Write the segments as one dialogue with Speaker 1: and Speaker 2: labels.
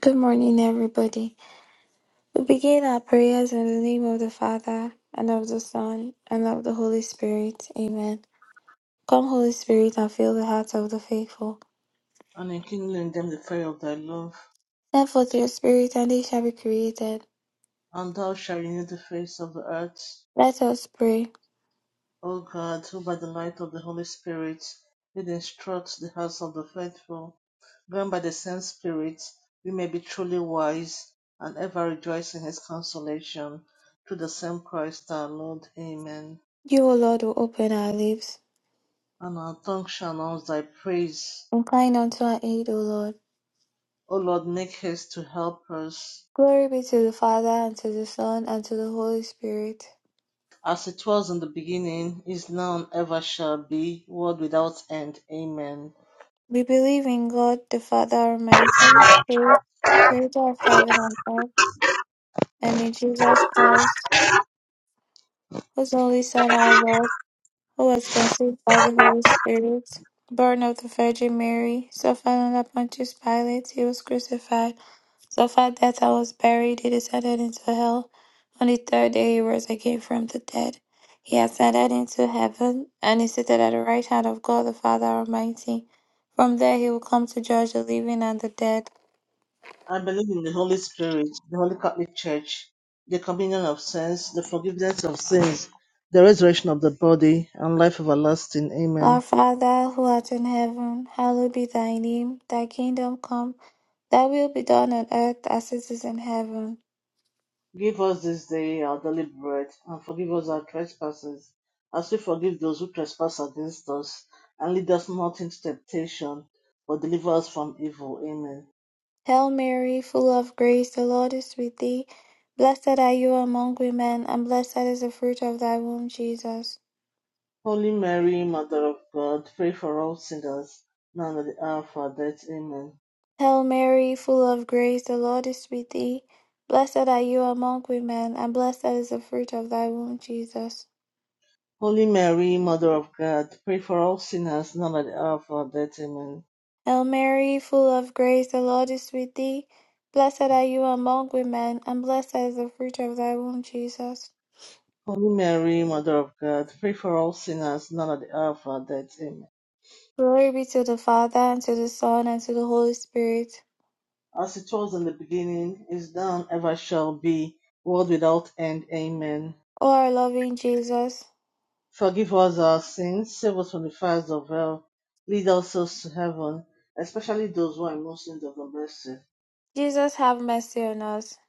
Speaker 1: Good morning, everybody. We begin our prayers in the name of the Father, and of the Son, and of the Holy Spirit. Amen. Come, Holy Spirit, and fill the hearts of the faithful.
Speaker 2: and enkindle in them the fire of thy love.
Speaker 1: Send forth your Spirit, and they shall be created.
Speaker 2: And thou shalt renew the face of the earth,
Speaker 1: Let us pray.
Speaker 2: O God, who by the light of the Holy Spirit did instruct the hearts of the faithful, grant by the same Spirit we may be truly wise and ever rejoice in his consolation. Through the same Christ our Lord. Amen.
Speaker 1: You, O Lord, will open our lips.
Speaker 2: And our tongue shall announce thy praise.
Speaker 1: Incline unto our aid, O Lord.
Speaker 2: O Lord, make haste to help us.
Speaker 1: Glory be to the Father, and to the Son, and to the Holy Spirit.
Speaker 2: as it was in the beginning, is now, and ever shall be, world without end. Amen.
Speaker 1: We believe in God, the Father Almighty, Spirit, creator of heaven and earth, and in Jesus Christ His only son Oswald, who was conceived by the Holy Spirit, born of the Virgin Mary, suffered under Pontius Pilate, he was crucified, suffered death and was buried, he descended into hell. On the third day he rose again from the dead. He ascended into heaven, and is seated at the right hand of God the Father Almighty. From there he will come to judge the living and the dead.
Speaker 2: I believe in the Holy Spirit, the Holy Catholic Church, the communion of saints, the forgiveness of sins, the resurrection of the body, and life everlasting.
Speaker 1: Our
Speaker 2: Amen.
Speaker 1: Father who art in heaven, hallowed be thy name. Thy kingdom come, thy will be done on earth as it is in heaven.
Speaker 2: Give us this day our daily bread, and forgive us our trespasses, as we forgive those who trespass against us. And lead us not into temptation, but deliver us from evil. Amen.
Speaker 1: Hail Mary, full of grace, the Lord is with thee. Blessed are you among women, and blessed is the fruit of thy womb, Jesus.
Speaker 2: Holy Mary, Mother of God, pray for all sinners, now and at the hour of our death. Amen.
Speaker 1: Hail Mary, full of grace, the Lord is with thee. Blessed are you among women, and blessed is the fruit of thy womb, Jesus.
Speaker 2: Holy Mary, Mother of God, pray for all sinners, now and at the hour of our death. Amen.
Speaker 1: Hail Mary, full of grace, the Lord is with thee. Blessed are you among women, and blessed is the fruit of thy womb, Jesus.
Speaker 2: Holy Mary, Mother of God, pray for all sinners, now and at the hour of our death. Amen.
Speaker 1: Glory be to the Father, and to the Son, and to the Holy Spirit.
Speaker 2: As it was in the beginning, is now, and ever shall be, world without end. Amen.
Speaker 1: O our loving Jesus,
Speaker 2: Forgive us our sins, save us from the fires of hell, lead us souls to heaven, especially those who are in most need of the mercy.
Speaker 1: Jesus, have mercy on us.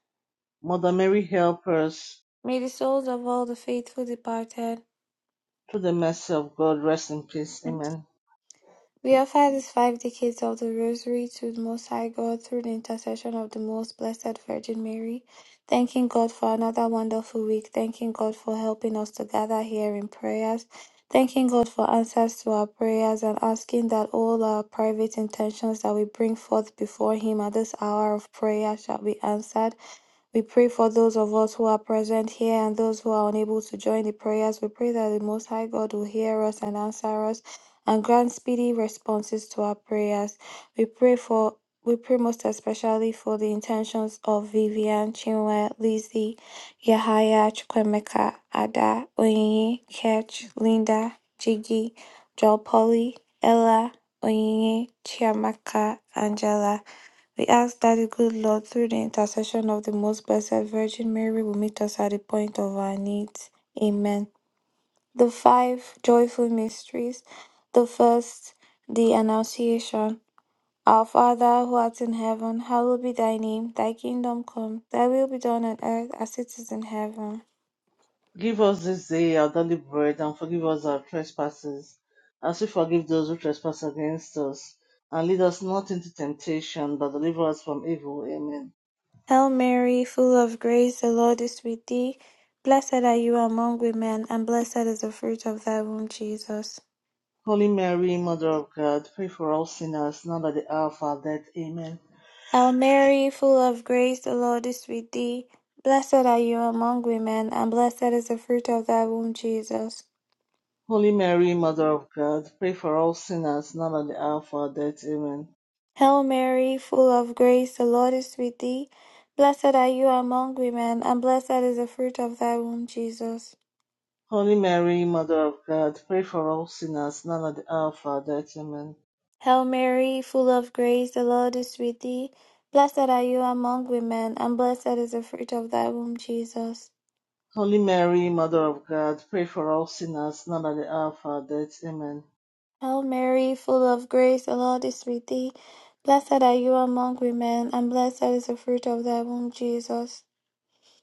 Speaker 2: Mother Mary, help us.
Speaker 1: May the souls of all the faithful departed
Speaker 2: Through the mercy of God, rest in peace. Amen.
Speaker 1: We offer these five decades of the Rosary to the Most High God through the intercession of the Most Blessed Virgin Mary, thanking God for another wonderful week, thanking God for helping us to gather here in prayers, thanking God for answers to our prayers, and asking that all our private intentions that we bring forth before Him at this hour of prayer shall be answered. We pray for those of us who are present here and those who are unable to join the prayers. We pray that the Most High God will hear us and answer us and grant speedy responses to our prayers. We pray for we pray most especially for the intentions of Vivian, Chinwe, Lizzie, Yahaya, Chukwemeka, Ada, Oyinye, Ketch, Linda, Jiggy, Joel Polly, Ella, Oyinye, Chiamaka, Angela. We ask that the good Lord, through the intercession of the Most Blessed Virgin Mary, will meet us at the point of our needs. Amen. The five joyful mysteries. The first, the Annunciation. Our Father, who art in heaven, hallowed be thy name. Thy kingdom come, thy will be done on earth as it is in heaven.
Speaker 2: Give us this day our daily bread and forgive us our trespasses, as we forgive those who trespass against us. And lead us not into temptation, but deliver us from evil. Amen.
Speaker 1: Hail Mary, full of grace, the Lord is with thee. Blessed are you among women, and blessed is the fruit of thy womb, Jesus.
Speaker 2: Holy Mary, Mother of God, pray for all sinners, now at the hour of our death. Amen.
Speaker 1: Hail Mary, full of grace, the Lord is with thee. Blessed are you among women, and blessed is the fruit of thy womb, Jesus.
Speaker 2: Holy Mary, Mother of God, pray for all sinners, now at the hour of our death. Amen.
Speaker 1: Hail Mary, full of grace, the Lord is with thee. Blessed are you among women, and blessed is the fruit of thy womb, Jesus.
Speaker 2: Holy Mary, Mother of God, pray for all sinners, now at the hour of our death. Amen.
Speaker 1: Hail Mary, full of grace, the Lord is with thee. Blessed are you among women, and blessed is the fruit of thy womb, Jesus.
Speaker 2: Holy Mary, Mother of God, pray for all sinners, now at the hour of our death. Amen.
Speaker 1: Hail Mary, full of grace, the Lord is with thee. Blessed are you among women, and blessed is the fruit of thy womb, Jesus.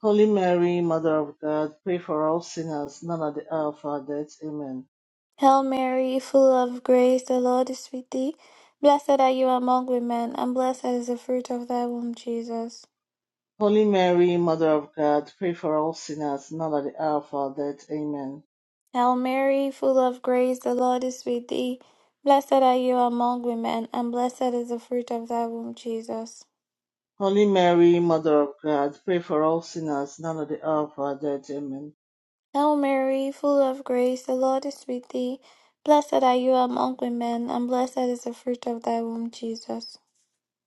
Speaker 2: Holy Mary, Mother of God, pray for all sinners, now at the hour of our death. Amen.
Speaker 1: Hail Mary, full of grace, the Lord is with thee. Blessed are you among women, and blessed is the fruit of thy womb, Jesus.
Speaker 2: Holy Mary, Mother of God, pray for all sinners, now at the hour of our death. Amen.
Speaker 1: Hail Mary, full of grace, the Lord is with thee. Blessed are you among women, and blessed is the fruit of thy womb, Jesus.
Speaker 2: Holy Mary, Mother of God, pray for all sinners, now at the hour of our death. Amen.
Speaker 1: Hail Mary, full of grace, the Lord is with thee. Blessed are you among women, and blessed is the fruit of thy womb, Jesus.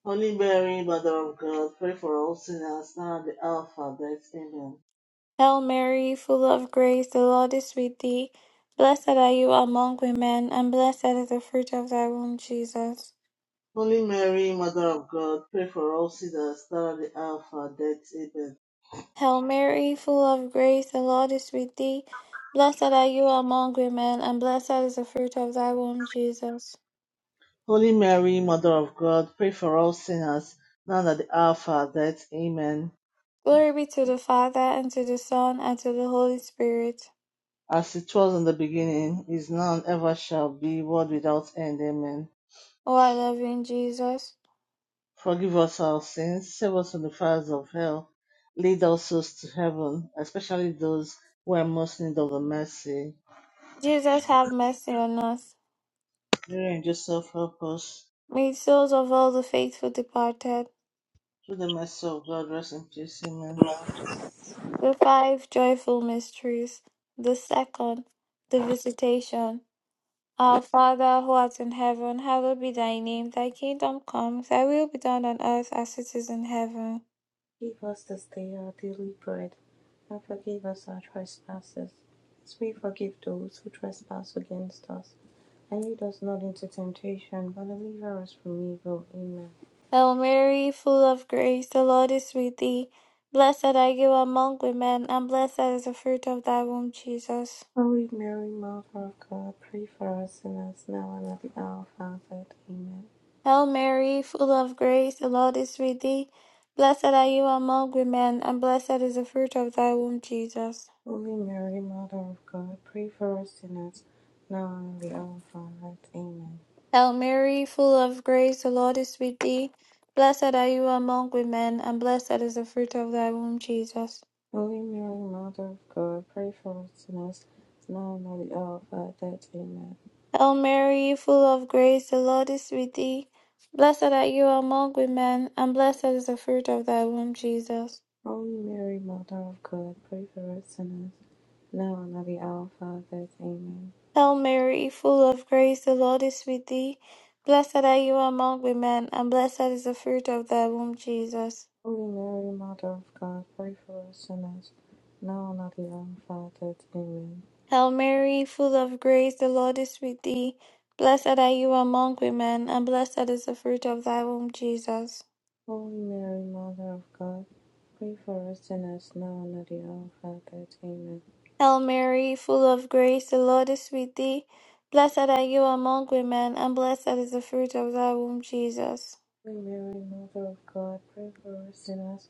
Speaker 2: Holy Mary, Mother of God, pray for all sinners, now at the hour of our death. Amen.
Speaker 1: Hail Mary, full of grace, the Lord is with thee. Blessed are you among women, and blessed is the fruit of thy womb, Jesus.
Speaker 2: Holy Mary, Mother of God, pray for all sinners now and at the hour of our death. Amen.
Speaker 1: Hail Mary, full of grace, the Lord is with thee. Blessed are you among women, and blessed is the fruit of thy womb, Jesus.
Speaker 2: Holy Mary, Mother of God, pray for all sinners now and at the hour of our death. Amen.
Speaker 1: Glory be to the Father, and to the Son, and to the Holy Spirit.
Speaker 2: As it was in the beginning, is now and ever shall be, world without end. Amen.
Speaker 1: O our loving Jesus.
Speaker 2: Forgive us our sins, save us from the fires of hell, lead all souls to heaven, especially those who are most in need of the mercy.
Speaker 1: Jesus, have mercy on us.
Speaker 2: Mary and Joseph, help us.
Speaker 1: May the souls of all the faithful departed.
Speaker 2: Through the mercy of God, rest in peace. Amen.
Speaker 1: The five joyful mysteries. The second, the visitation. Our Father who art in heaven, hallowed be thy name. Thy kingdom come, thy will be done on earth as it is in heaven.
Speaker 3: Give us this day our daily bread, and forgive us our trespasses, as we forgive those who trespass against us. And lead us not into temptation, but deliver us from evil. Amen.
Speaker 1: Hail Mary, full of grace, the Lord is with thee. Blessed are you among women, and blessed is the fruit of thy womb, Jesus.
Speaker 3: Holy Mary, Mother of God, pray for us sinners now and at the hour of our death. Amen.
Speaker 1: Hail Mary, full of grace, the Lord is with thee. Blessed are you among women, and blessed is the fruit of thy womb, Jesus.
Speaker 3: Holy Mary, Mother of God, pray for us sinners now and at the hour of our death. Amen.
Speaker 1: Hail Mary, full of grace, the Lord is with thee. Blessed are you among women, and blessed is the fruit of thy womb, Jesus.
Speaker 3: Holy Mary, Mother of God, pray for us sinners now and at the hour of our death. Amen.
Speaker 1: Hail Mary, full of grace, the Lord is with thee. Blessed are you among women, and blessed is the fruit of thy womb, Jesus.
Speaker 3: Holy Mary, Mother of God, pray for us sinners, now and at the hour of our death. Amen.
Speaker 1: Hail Mary, full of grace, the Lord is with thee. Blessed are you among women, and blessed is the fruit of thy womb, Jesus.
Speaker 3: Holy Mary, Mother of God, pray for us sinners, now and at the hour of our death. Amen.
Speaker 1: Hail Mary, full of grace, the Lord is with thee. Blessed are you among women, and blessed is the fruit of thy womb, Jesus.
Speaker 3: Holy Mary, Mother of God, pray for us sinners, now and at the hour of our death. Amen.
Speaker 1: Hail Mary, full of grace, the Lord is with thee. Blessed are you among women, and blessed is the fruit of thy womb, Jesus.
Speaker 3: Holy Mary, Mother of God, pray for us sinners,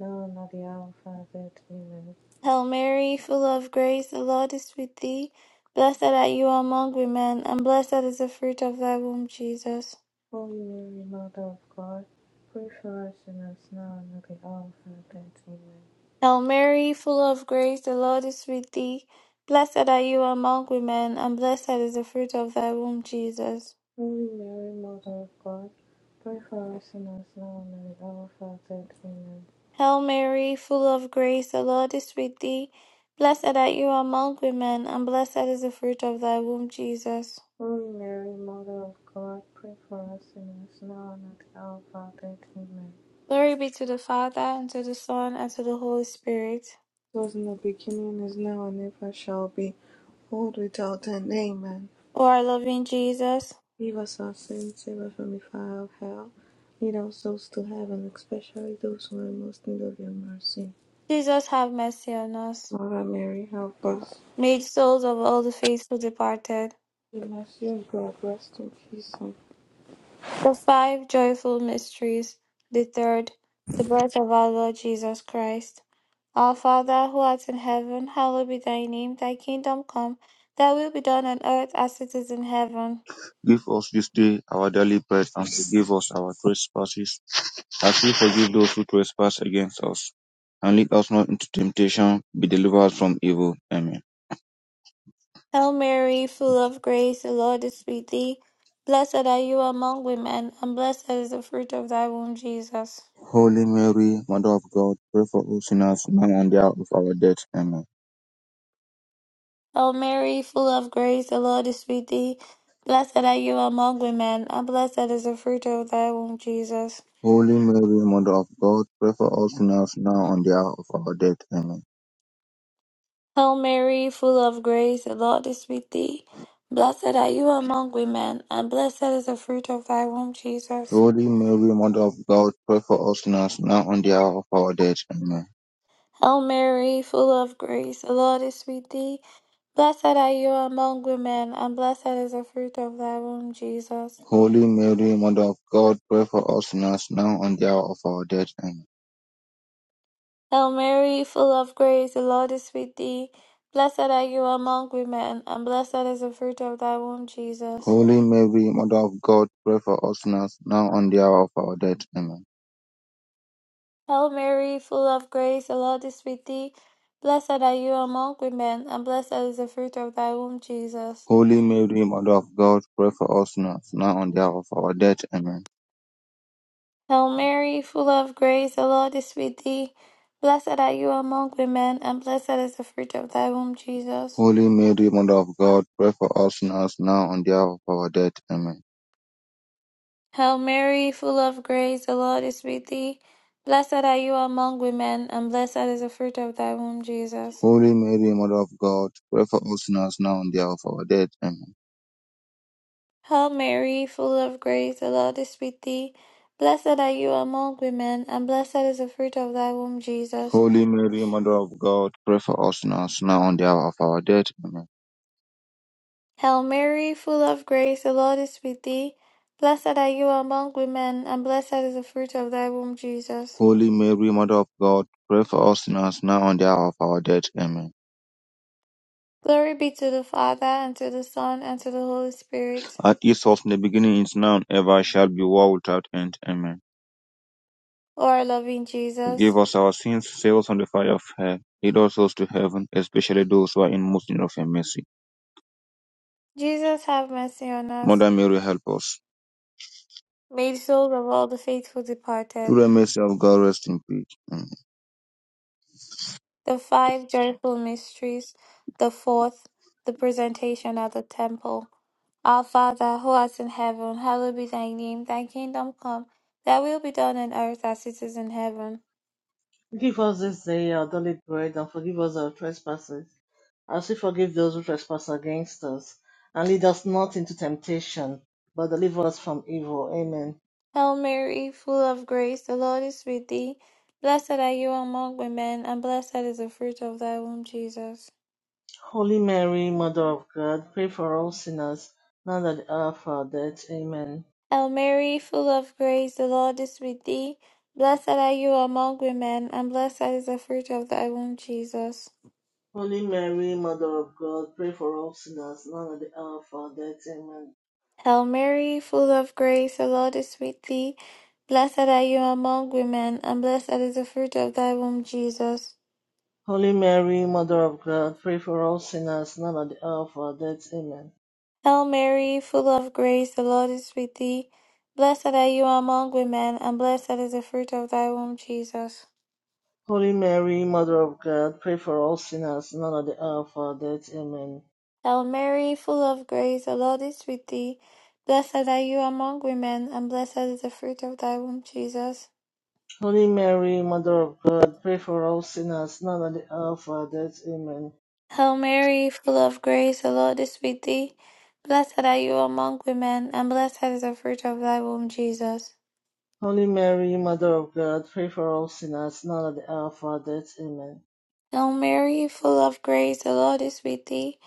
Speaker 3: now and at the hour of our death. Amen.
Speaker 1: Hail Mary, full of grace, the Lord is with thee. Blessed are you among women, and blessed is the fruit of thy womb, Jesus.
Speaker 3: Holy Mary, Mother of God, pray for us sinners, now and at the hour of our death. Amen.
Speaker 1: Hail Mary, full of grace, the Lord is with thee. Blessed are you among women, and blessed is the fruit of thy womb, Jesus.
Speaker 3: Holy Mary, Mother of God, pray for us sinners now and at the hour of our death. Amen.
Speaker 1: Hail Mary, full of grace, the Lord is with thee. Blessed are you among women, and blessed is the fruit of thy womb, Jesus.
Speaker 3: Holy Mary, Mother of God, pray for us sinners now and at the hour of our death. Amen.
Speaker 1: Glory be to the Father, and to the Son, and to the Holy Spirit.
Speaker 3: It was in the beginning, is now, and ever shall be, world without end. Amen.
Speaker 1: O our loving Jesus.
Speaker 3: Give us our sins, save us from the fire of hell. Lead our souls to heaven, especially those who are in most need of your mercy.
Speaker 1: Jesus have mercy on us.
Speaker 3: Mother Mary, help us.
Speaker 1: Made souls of all the faithful departed.
Speaker 3: The mercy of God, rest in peace.
Speaker 1: The five joyful mysteries. The third, the birth of our Lord Jesus Christ. Our Father who art in heaven, hallowed be thy name. Thy kingdom come. Thy will be done on earth as it is in heaven.
Speaker 4: Give us this day our daily bread, and forgive us our trespasses, as we forgive those who trespass against us. And lead us not into temptation, but deliver us from evil. Amen.
Speaker 1: Hail Mary, full of grace, the Lord is with thee. Blessed are you among women, and blessed is the fruit of thy womb, Jesus.
Speaker 4: Holy Mary, Mother of God, pray for us sinners now and the hour of our death. Amen.
Speaker 1: O Mary, full of grace, the Lord is with thee. Blessed are you among women, and blessed is the fruit of thy womb, Jesus.
Speaker 4: Holy Mary, Mother of God, pray for us sinners now and the hour of our death. Amen.
Speaker 1: Hail Mary, full of grace, the Lord is with thee. Blessed are you among women, and blessed is the fruit of thy womb, Jesus.
Speaker 4: Holy Mary, Mother of God, pray for us sinners now and the hour of our death. Amen.
Speaker 1: Hail Mary, full of grace, the Lord is with thee. Blessed are you among women, and blessed is the fruit of thy womb, Jesus.
Speaker 4: Holy Mary, Mother of God, pray for us sinners now and the hour of our death. Amen.
Speaker 1: Hail Mary, full of grace, the Lord is with thee. Blessed are you among women, and blessed is the fruit of thy womb, Jesus.
Speaker 4: Holy Mary, Mother of God, pray for us sinners now and the hour of our death. Amen.
Speaker 1: Hail Mary, full of grace, the Lord is with thee. Blessed are you among women, and blessed is the fruit of thy womb, Jesus.
Speaker 4: Holy Mary, Mother of God, pray for us sinners now and the hour of our death. Amen.
Speaker 1: Hail Mary, full of grace, the Lord is with thee. Blessed are you among women, and blessed is the fruit of thy womb, Jesus.
Speaker 4: Holy Mary, Mother of God, pray for us sinners now and the hour of our death. Amen.
Speaker 1: Hail Mary, full of grace, the Lord is with thee. Blessed are you among women, and blessed is the fruit of thy womb, Jesus.
Speaker 4: Holy Mary, Mother of God, pray for us sinners now and the hour of our death. Amen.
Speaker 1: Hail Mary, full of grace, the Lord is with thee. Blessed are you among women, and blessed is the fruit of thy womb, Jesus.
Speaker 4: Holy Mary, Mother of God, pray for us sinners now and the hour of our death. Amen.
Speaker 1: Hail Mary, full of grace, the Lord is with thee. Blessed are you among women, and blessed is the fruit of thy womb, Jesus.
Speaker 4: Holy Mary, Mother of God, pray for us sinners now and the hour of our death. Amen.
Speaker 1: Glory be to the Father, and to the Son, and to the Holy Spirit.
Speaker 4: As it was in the beginning, is now, and ever shall be, world without end. Amen.
Speaker 1: O our loving Jesus.
Speaker 4: Forgive us our sins, save us from the fire of hell. Lead us souls to heaven, especially those who are in most need of your mercy.
Speaker 1: Jesus have mercy on us.
Speaker 4: Mother Mary, help us.
Speaker 1: Made souls of all the faithful departed.
Speaker 4: Through the mercy of God, rest in peace. Amen.
Speaker 1: The five joyful mysteries. The fourth, the presentation at the temple. Our Father, who art in heaven, hallowed be thy name. Thy kingdom come. Thy will be done on earth as it is in heaven.
Speaker 2: Give us this day our daily bread, and forgive us our trespasses, as we forgive those who trespass against us. And lead us not into temptation, but deliver us from evil. Amen.
Speaker 1: Hail Mary, full of grace, the Lord is with thee. Blessed are you among women, and blessed is the fruit of thy womb, Jesus.
Speaker 2: Holy Mary, Mother of God, pray for all sinners, now and at the hour of our death. Amen.
Speaker 1: Hail Mary, full of grace, the Lord is with thee. Blessed are you among women, and blessed is the fruit of thy womb, Jesus.
Speaker 2: Holy Mary, Mother of God, pray for all sinners, now and at the hour of our death. Amen.
Speaker 1: Hail Mary, full of grace, the Lord is with thee. Blessed are you among women, and blessed is the fruit of thy womb, Jesus.
Speaker 2: Holy Mary, Mother of God, pray for all sinners, now and at the hour of our death. Amen.
Speaker 1: Hail Mary, full of grace, the Lord is with thee. Blessed are you among women, and blessed is the fruit of thy womb, Jesus.
Speaker 2: Holy Mary, Mother of God, pray for all sinners, now at the hour of our death. Amen.
Speaker 1: Hail Mary, full of grace, the Lord is with thee. Blessed are you among women, and blessed is the fruit of thy womb, Jesus.
Speaker 2: Holy Mary, Mother of God, pray for all sinners, now at the hour of our death. Amen.
Speaker 1: Hail Mary, full of grace, the Lord is with thee. Blessed are you among women, and blessed is the fruit of thy womb, Jesus.
Speaker 2: Holy Mary, Mother of God, pray for all sinners, now at the hour of our death. Amen.
Speaker 1: Hail Mary, full of grace, the Lord is with thee.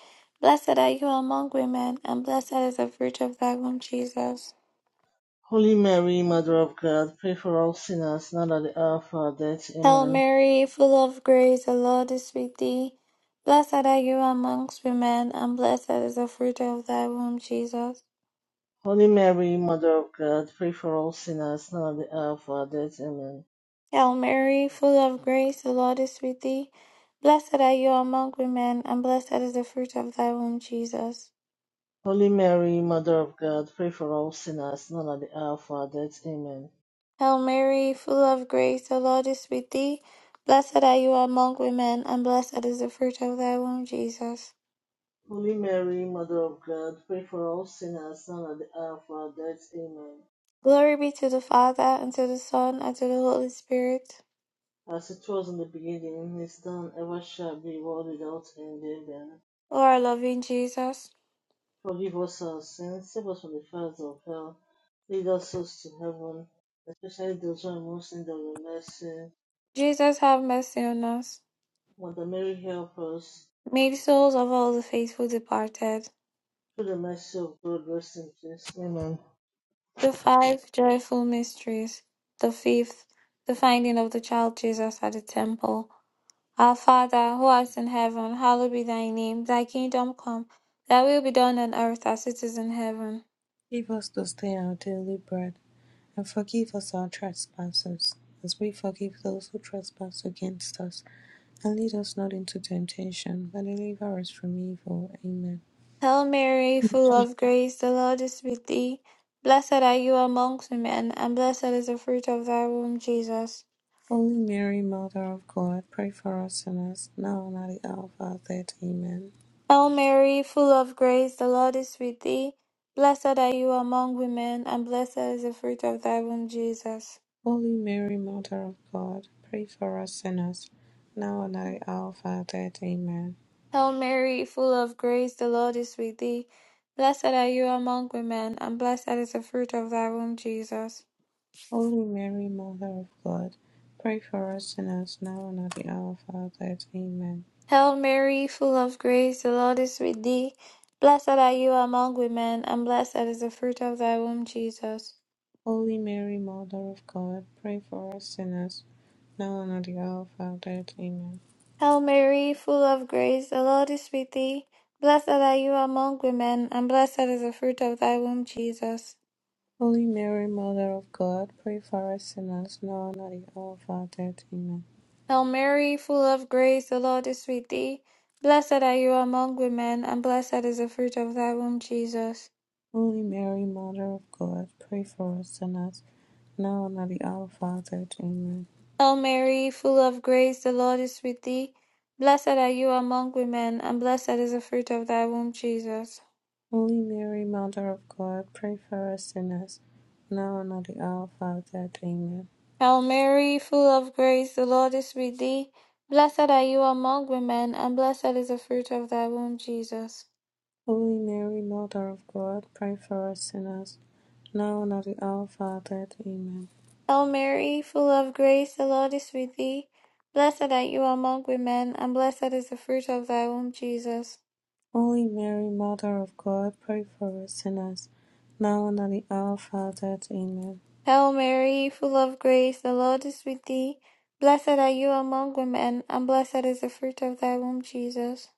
Speaker 1: Blessed are you among women, and blessed is the fruit of thy womb, Jesus.
Speaker 2: Holy Mary, Mother of God, pray for all sinners, now at the hour of our death.
Speaker 1: Hail
Speaker 2: Amen.
Speaker 1: Mary, full of grace, the Lord is with thee. Blessed are you amongst women, and blessed is the fruit of thy womb, Jesus.
Speaker 2: Holy Mary, Mother of God, pray for all sinners, now at the hour of our death. Amen.
Speaker 1: Hail Mary, full of grace, the Lord is with thee. Blessed are you among women, and blessed is the fruit of thy womb, Jesus.
Speaker 2: Holy Mary, Mother of God, pray for all sinners, now at the hour of our death. Amen.
Speaker 1: Hail Mary, full of grace, the Lord is with thee. Blessed are you among women, and blessed is the fruit of thy womb, Jesus.
Speaker 2: Holy Mary, Mother of God, pray for all sinners now and at the hour of our death. Amen.
Speaker 1: Glory be to the Father, and to the Son, and to the Holy Spirit.
Speaker 2: As it was in the beginning, is now, ever shall be, world without end. Amen.
Speaker 1: O our loving Jesus.
Speaker 2: Forgive us our sins, save us from the fires of hell, lead us souls to heaven, especially those who are most in need of the mercy.
Speaker 1: Jesus have mercy on us.
Speaker 2: Mother Mary, help us.
Speaker 1: May the souls of all the faithful departed.
Speaker 2: Through the mercy of God, rest in peace. Amen.
Speaker 1: The five joyful mysteries. The fifth, the finding of the child Jesus at the temple. Our Father, who art in heaven, hallowed be thy name. Thy kingdom come, thy will be done on earth as it is in heaven.
Speaker 3: Give us this day our daily bread And forgive us our trespasses, as we forgive those who trespass against us. And lead us not into temptation, but deliver us from evil. Amen.
Speaker 1: Hail Mary, full of grace, the Lord is with thee. Blessed are you amongst women, and blessed is the fruit of thy womb, Jesus.
Speaker 3: Holy Mary, Mother of God, pray for us sinners, now and at the hour of our death. Amen.
Speaker 1: Hail Mary, full of grace, the Lord is with thee. Blessed are you among women, and blessed is the fruit of thy womb, Jesus.
Speaker 3: Holy Mary, Mother of God, pray for us sinners, now and at the hour of our death. Amen.
Speaker 1: Hail Mary, full of grace, the Lord is with thee. Blessed are you among women, and blessed is the fruit of thy womb, Jesus.
Speaker 3: Holy Mary, Mother of God, pray for us sinners, now and at the hour of our death. Amen.
Speaker 1: Hail Mary, full of grace, the Lord is with thee. Blessed are you among women, and blessed is the fruit of thy womb, Jesus.
Speaker 3: Holy Mary, Mother of God, pray for us sinners, now and at the hour of our death. Amen.
Speaker 1: Hail Mary, full of grace, the Lord is with thee. Blessed are you among women, and blessed is the fruit of thy womb, Jesus.
Speaker 3: Holy Mary, Mother of God, pray for us sinners, now and at the hour of our death. Amen.
Speaker 1: Hail Mary, full of grace, the Lord is with thee. Blessed are you among women, and blessed is the fruit of thy womb, Jesus.
Speaker 3: Holy Mary, Mother of God, pray for us sinners, now and at the hour of our death. Amen.
Speaker 1: Hail Mary, full of grace, the Lord is with thee. Blessed are you among women, and blessed is the fruit of thy womb, Jesus.
Speaker 3: Holy Mary, Mother of God, pray for us sinners, now and at the hour of our death. Amen.
Speaker 1: Hail Mary, full of grace, the Lord is with thee. Blessed are you among women, and blessed is the fruit of thy womb, Jesus.
Speaker 3: Holy Mary, Mother of God, pray for us sinners, now and at the hour of our death. Amen.
Speaker 1: Hail Mary, full of grace, the Lord is with thee. Blessed are you among women, and blessed is the fruit of thy womb, Jesus.
Speaker 3: Holy Mary, Mother of God, pray for us sinners, now and at the hour of our death. Amen.
Speaker 1: Hail Mary, full of grace, the Lord is with thee. Blessed are you among women, and blessed is the fruit of thy womb, Jesus.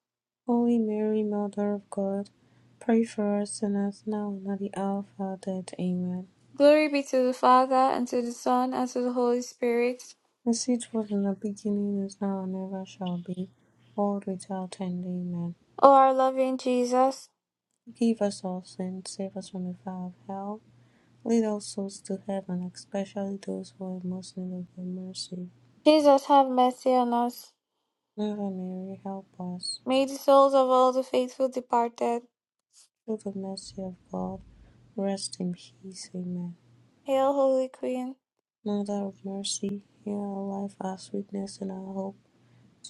Speaker 3: Holy Mary, Mother of God, pray for us sinners, now and at the hour of our death. Amen.
Speaker 1: Glory be to the Father, and to the Son, and to the Holy Spirit.
Speaker 3: As it was in the beginning, is now, and ever shall be, world without end. Amen.
Speaker 1: O our loving Jesus.
Speaker 3: Forgive us all sins, save us from the fire of hell. Lead all souls to heaven, especially those who are most in need of your mercy.
Speaker 1: Jesus have mercy on us.
Speaker 3: Mother Mary, help us.
Speaker 1: May the souls of all the faithful departed.
Speaker 3: Through the mercy of God. Rest in peace. Amen.
Speaker 1: Hail, Holy Queen.
Speaker 3: Mother of mercy, hear our life, our sweetness, and our hope.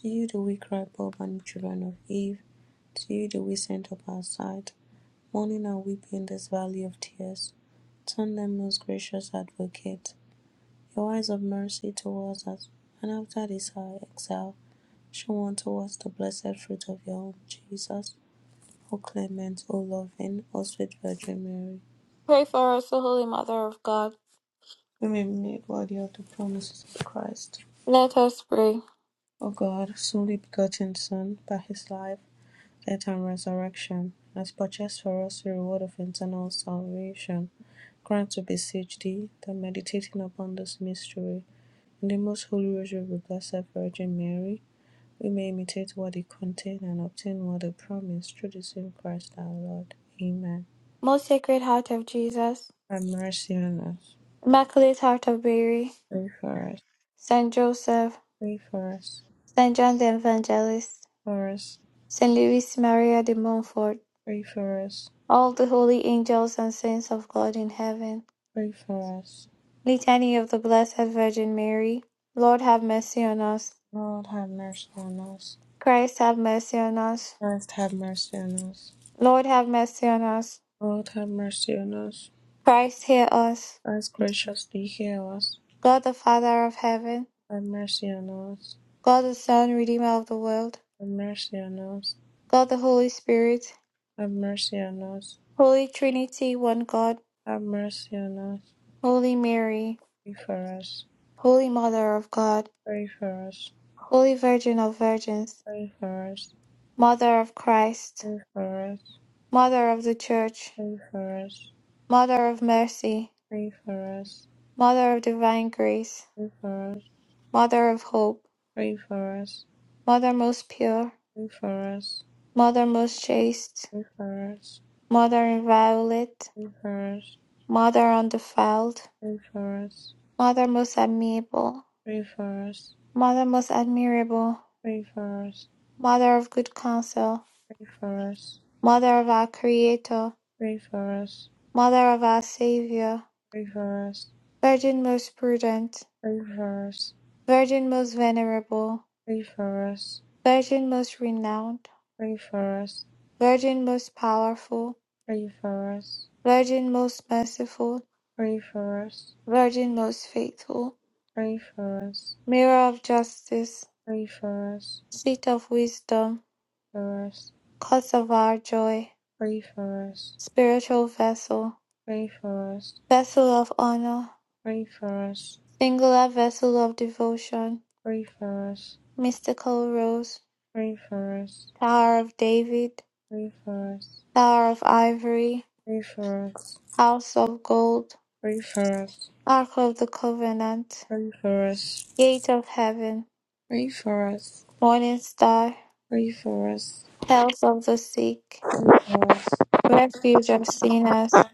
Speaker 3: To you do we cry, poor and children of Eve. To you do we send up our sight, mourning and weeping in this valley of tears. Turn them, most gracious advocate, your eyes of mercy towards us, and after this our exile, show unto us the blessed fruit of your own Jesus. O clement, O loving, O sweet Virgin Mary,
Speaker 1: Pray for us, O Holy Mother of God.
Speaker 3: we may be made worthy of the promises of Christ.
Speaker 1: Let us pray.
Speaker 3: O God, whose only begotten Son, by his life, death, and resurrection, has purchased for us the reward of eternal salvation, grant, we beseech thee, that meditating upon this mystery, in the most holy rosary of the Blessed Virgin Mary, we may imitate what it contained and obtain what it promised through the same Christ our Lord. Amen.
Speaker 1: Most Sacred Heart of Jesus,
Speaker 3: Have mercy on us.
Speaker 1: Immaculate Heart of Mary,
Speaker 3: Pray for us.
Speaker 1: Saint Joseph,
Speaker 3: Pray for us.
Speaker 1: Saint John the Evangelist,
Speaker 3: For us.
Speaker 1: Saint Louis Maria de Montfort,
Speaker 3: Pray for us.
Speaker 1: all the holy angels and saints of God in heaven.
Speaker 3: Pray for us.
Speaker 1: Litany of the Blessed Virgin Mary. Lord have mercy on us.
Speaker 3: Lord, have mercy on us.
Speaker 1: Christ have mercy on us.
Speaker 3: Christ have mercy on us.
Speaker 1: Lord have mercy on us.
Speaker 3: Lord have mercy on us.
Speaker 1: Christ hear us.
Speaker 3: Christ graciously hear us.
Speaker 1: God the Father of heaven,
Speaker 3: Have mercy on us.
Speaker 1: God the Son, Redeemer of the world,
Speaker 3: Have mercy on us.
Speaker 1: God the Holy Spirit,
Speaker 3: Have mercy on us.
Speaker 1: Holy Trinity, one God,
Speaker 3: Have mercy on us.
Speaker 1: Holy Mary,
Speaker 3: Pray for us.
Speaker 1: Holy Mother of God,
Speaker 3: Pray for us.
Speaker 1: Holy Virgin of Virgins,
Speaker 3: Pray for us.
Speaker 1: Mother of Christ,
Speaker 3: Pray for us. Pray
Speaker 1: Mother of the Church,
Speaker 3: for us.
Speaker 1: Mother of Mercy,
Speaker 3: Pray for us.
Speaker 1: Mother of Divine Grace,
Speaker 3: Pray for
Speaker 1: Mother of Hope,
Speaker 3: us.
Speaker 1: Mother most pure,
Speaker 3: Pray for us.
Speaker 1: Mother most chaste,
Speaker 3: Pray for us.
Speaker 1: Mother inviolate,
Speaker 3: Pray for us.
Speaker 1: Mother undefiled,
Speaker 3: Pray for us.
Speaker 1: Mother most amiable,
Speaker 3: Pray for us.
Speaker 1: Mother most admirable,
Speaker 3: Pray for us. Pray for us.
Speaker 1: Mother of good counsel,
Speaker 3: Pray for us.
Speaker 1: Mother of our Creator,
Speaker 3: Pray for us,
Speaker 1: Mother of our Saviour,
Speaker 3: pray for us,
Speaker 1: Virgin most prudent,
Speaker 3: pray for us,
Speaker 1: Virgin most venerable,
Speaker 3: pray for us,
Speaker 1: Virgin most renowned,
Speaker 3: pray for us,
Speaker 1: Virgin most powerful,
Speaker 3: pray for us,
Speaker 1: Virgin most merciful,
Speaker 3: pray for us,
Speaker 1: Virgin most faithful,
Speaker 3: pray for us,
Speaker 1: Mirror of justice,
Speaker 3: pray for us,
Speaker 1: Seat of wisdom,
Speaker 3: for us,
Speaker 1: Cause of our joy,
Speaker 3: pray for us,
Speaker 1: Spiritual vessel,
Speaker 3: pray for us,
Speaker 1: Vessel of honor,
Speaker 3: pray for us,
Speaker 1: Singular vessel of devotion,
Speaker 3: pray for us, pray for us,
Speaker 1: Mystical rose,
Speaker 3: pray for us,
Speaker 1: Tower of David,
Speaker 3: pray for us,
Speaker 1: Tower of Ivory,
Speaker 3: pray for us,
Speaker 1: House of Gold,
Speaker 3: pray for us,
Speaker 1: Ark of the Covenant,
Speaker 3: pray for us,
Speaker 1: Gate of Heaven,
Speaker 3: pray for us,
Speaker 1: Morning Star,
Speaker 3: pray for us,
Speaker 1: Health of the Sick,
Speaker 3: pray
Speaker 1: Refuge of Sinners,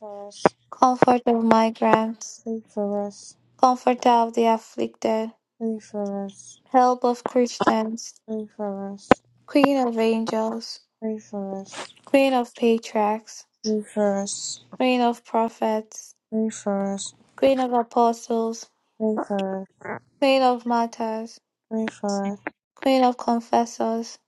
Speaker 3: for us,
Speaker 1: Comfort of Migrants,
Speaker 3: pray for us.
Speaker 1: Comforter of the Afflicted,
Speaker 3: Pray for us.
Speaker 1: Help of Christians,
Speaker 3: Pray for us.
Speaker 1: Queen of Angels,
Speaker 3: Pray for us.
Speaker 1: Queen of Patriarchs,
Speaker 3: Pray for us.
Speaker 1: Queen of Prophets,
Speaker 3: Pray for us.
Speaker 1: Queen of Apostles,
Speaker 3: Pray for us.
Speaker 1: Queen of Martyrs,
Speaker 3: Pray for
Speaker 1: Queen of Confessors,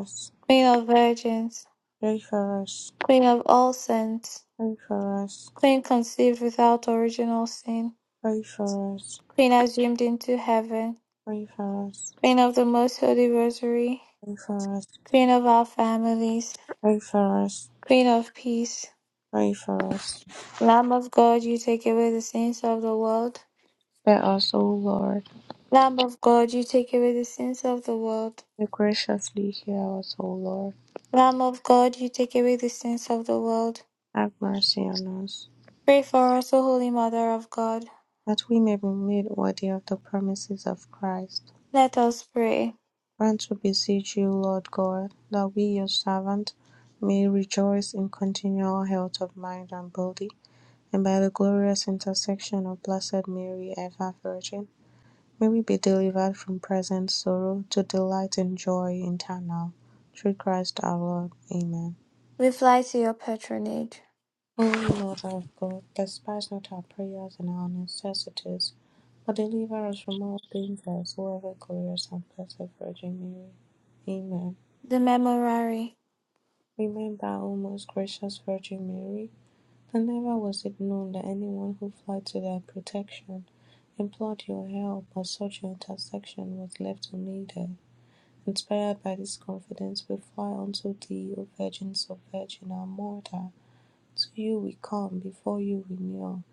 Speaker 3: us.
Speaker 1: Queen of Virgins,
Speaker 3: Pray for us.
Speaker 1: Queen of all saints,
Speaker 3: Pray for us.
Speaker 1: Queen conceived without original sin,
Speaker 3: Pray for us.
Speaker 1: Queen assumed into heaven,
Speaker 3: Pray for us.
Speaker 1: Queen of the most holy rosary,
Speaker 3: Pray for us.
Speaker 1: Queen of our families,
Speaker 3: Pray for us.
Speaker 1: Queen of peace,
Speaker 3: Pray for us. Pray for us.
Speaker 1: Lamb of God, you take away the sins of the world.
Speaker 3: Spare us, O Lord.
Speaker 1: Lamb of God, you take away the sins of the world.
Speaker 3: May graciously hear us, O Lord.
Speaker 1: Lamb of God, you take away the sins of the world.
Speaker 3: Have mercy on us,
Speaker 1: Pray for us, O Holy Mother of God.
Speaker 3: that we may be made worthy of the promises of Christ.
Speaker 1: Let us pray.
Speaker 3: Grant, we beseech you, Lord God, that we, your servant may rejoice in continual health of mind and body, and by the glorious intercession of Blessed Mary, ever Virgin, may we be delivered from present sorrow to delight in joy eternal. Through Christ our Lord. Amen.
Speaker 1: We fly to your patronage.
Speaker 3: O Lord our God, despise not our prayers and our necessities, but deliver us from all dangers, O ever glorious and blessed Virgin Mary. Amen.
Speaker 1: The Memorare.
Speaker 3: Remember, O most gracious Virgin Mary, that never was it known that anyone who fled to thy protection, implored your help, or sought your intercession was left unaided. Inspired by this confidence, we fly unto thee, O Virgin, so Virgin, our Mother. To you we come, before you we kneel,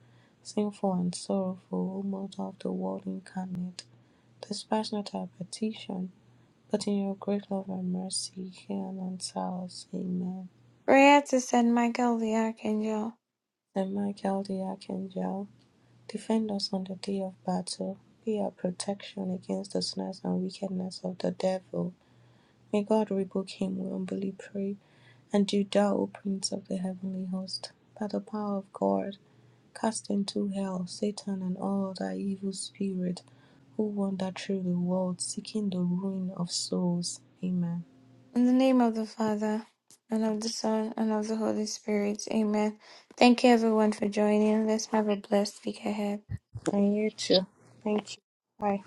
Speaker 3: sinful and sorrowful, O Mother of the world incarnate. Despise not our petition, but in your great love and mercy, hear and answer us. Amen.
Speaker 1: Prayer to Michael the Archangel.
Speaker 3: Saint Michael the Archangel, defend us on the day of battle. Be our protection against the snares and wickedness of the devil. May God rebuke him, we humbly pray. And do thou, O Prince of the heavenly host, by the power of God, cast into hell Satan and all other evil spirits who wander through the world seeking the ruin of souls. Amen.
Speaker 1: In the name of the Father, and of the Son, and of the Holy Spirit. Amen. Thank you everyone for joining. Let's have a blessed week ahead.
Speaker 3: And you too. Thank you. Bye.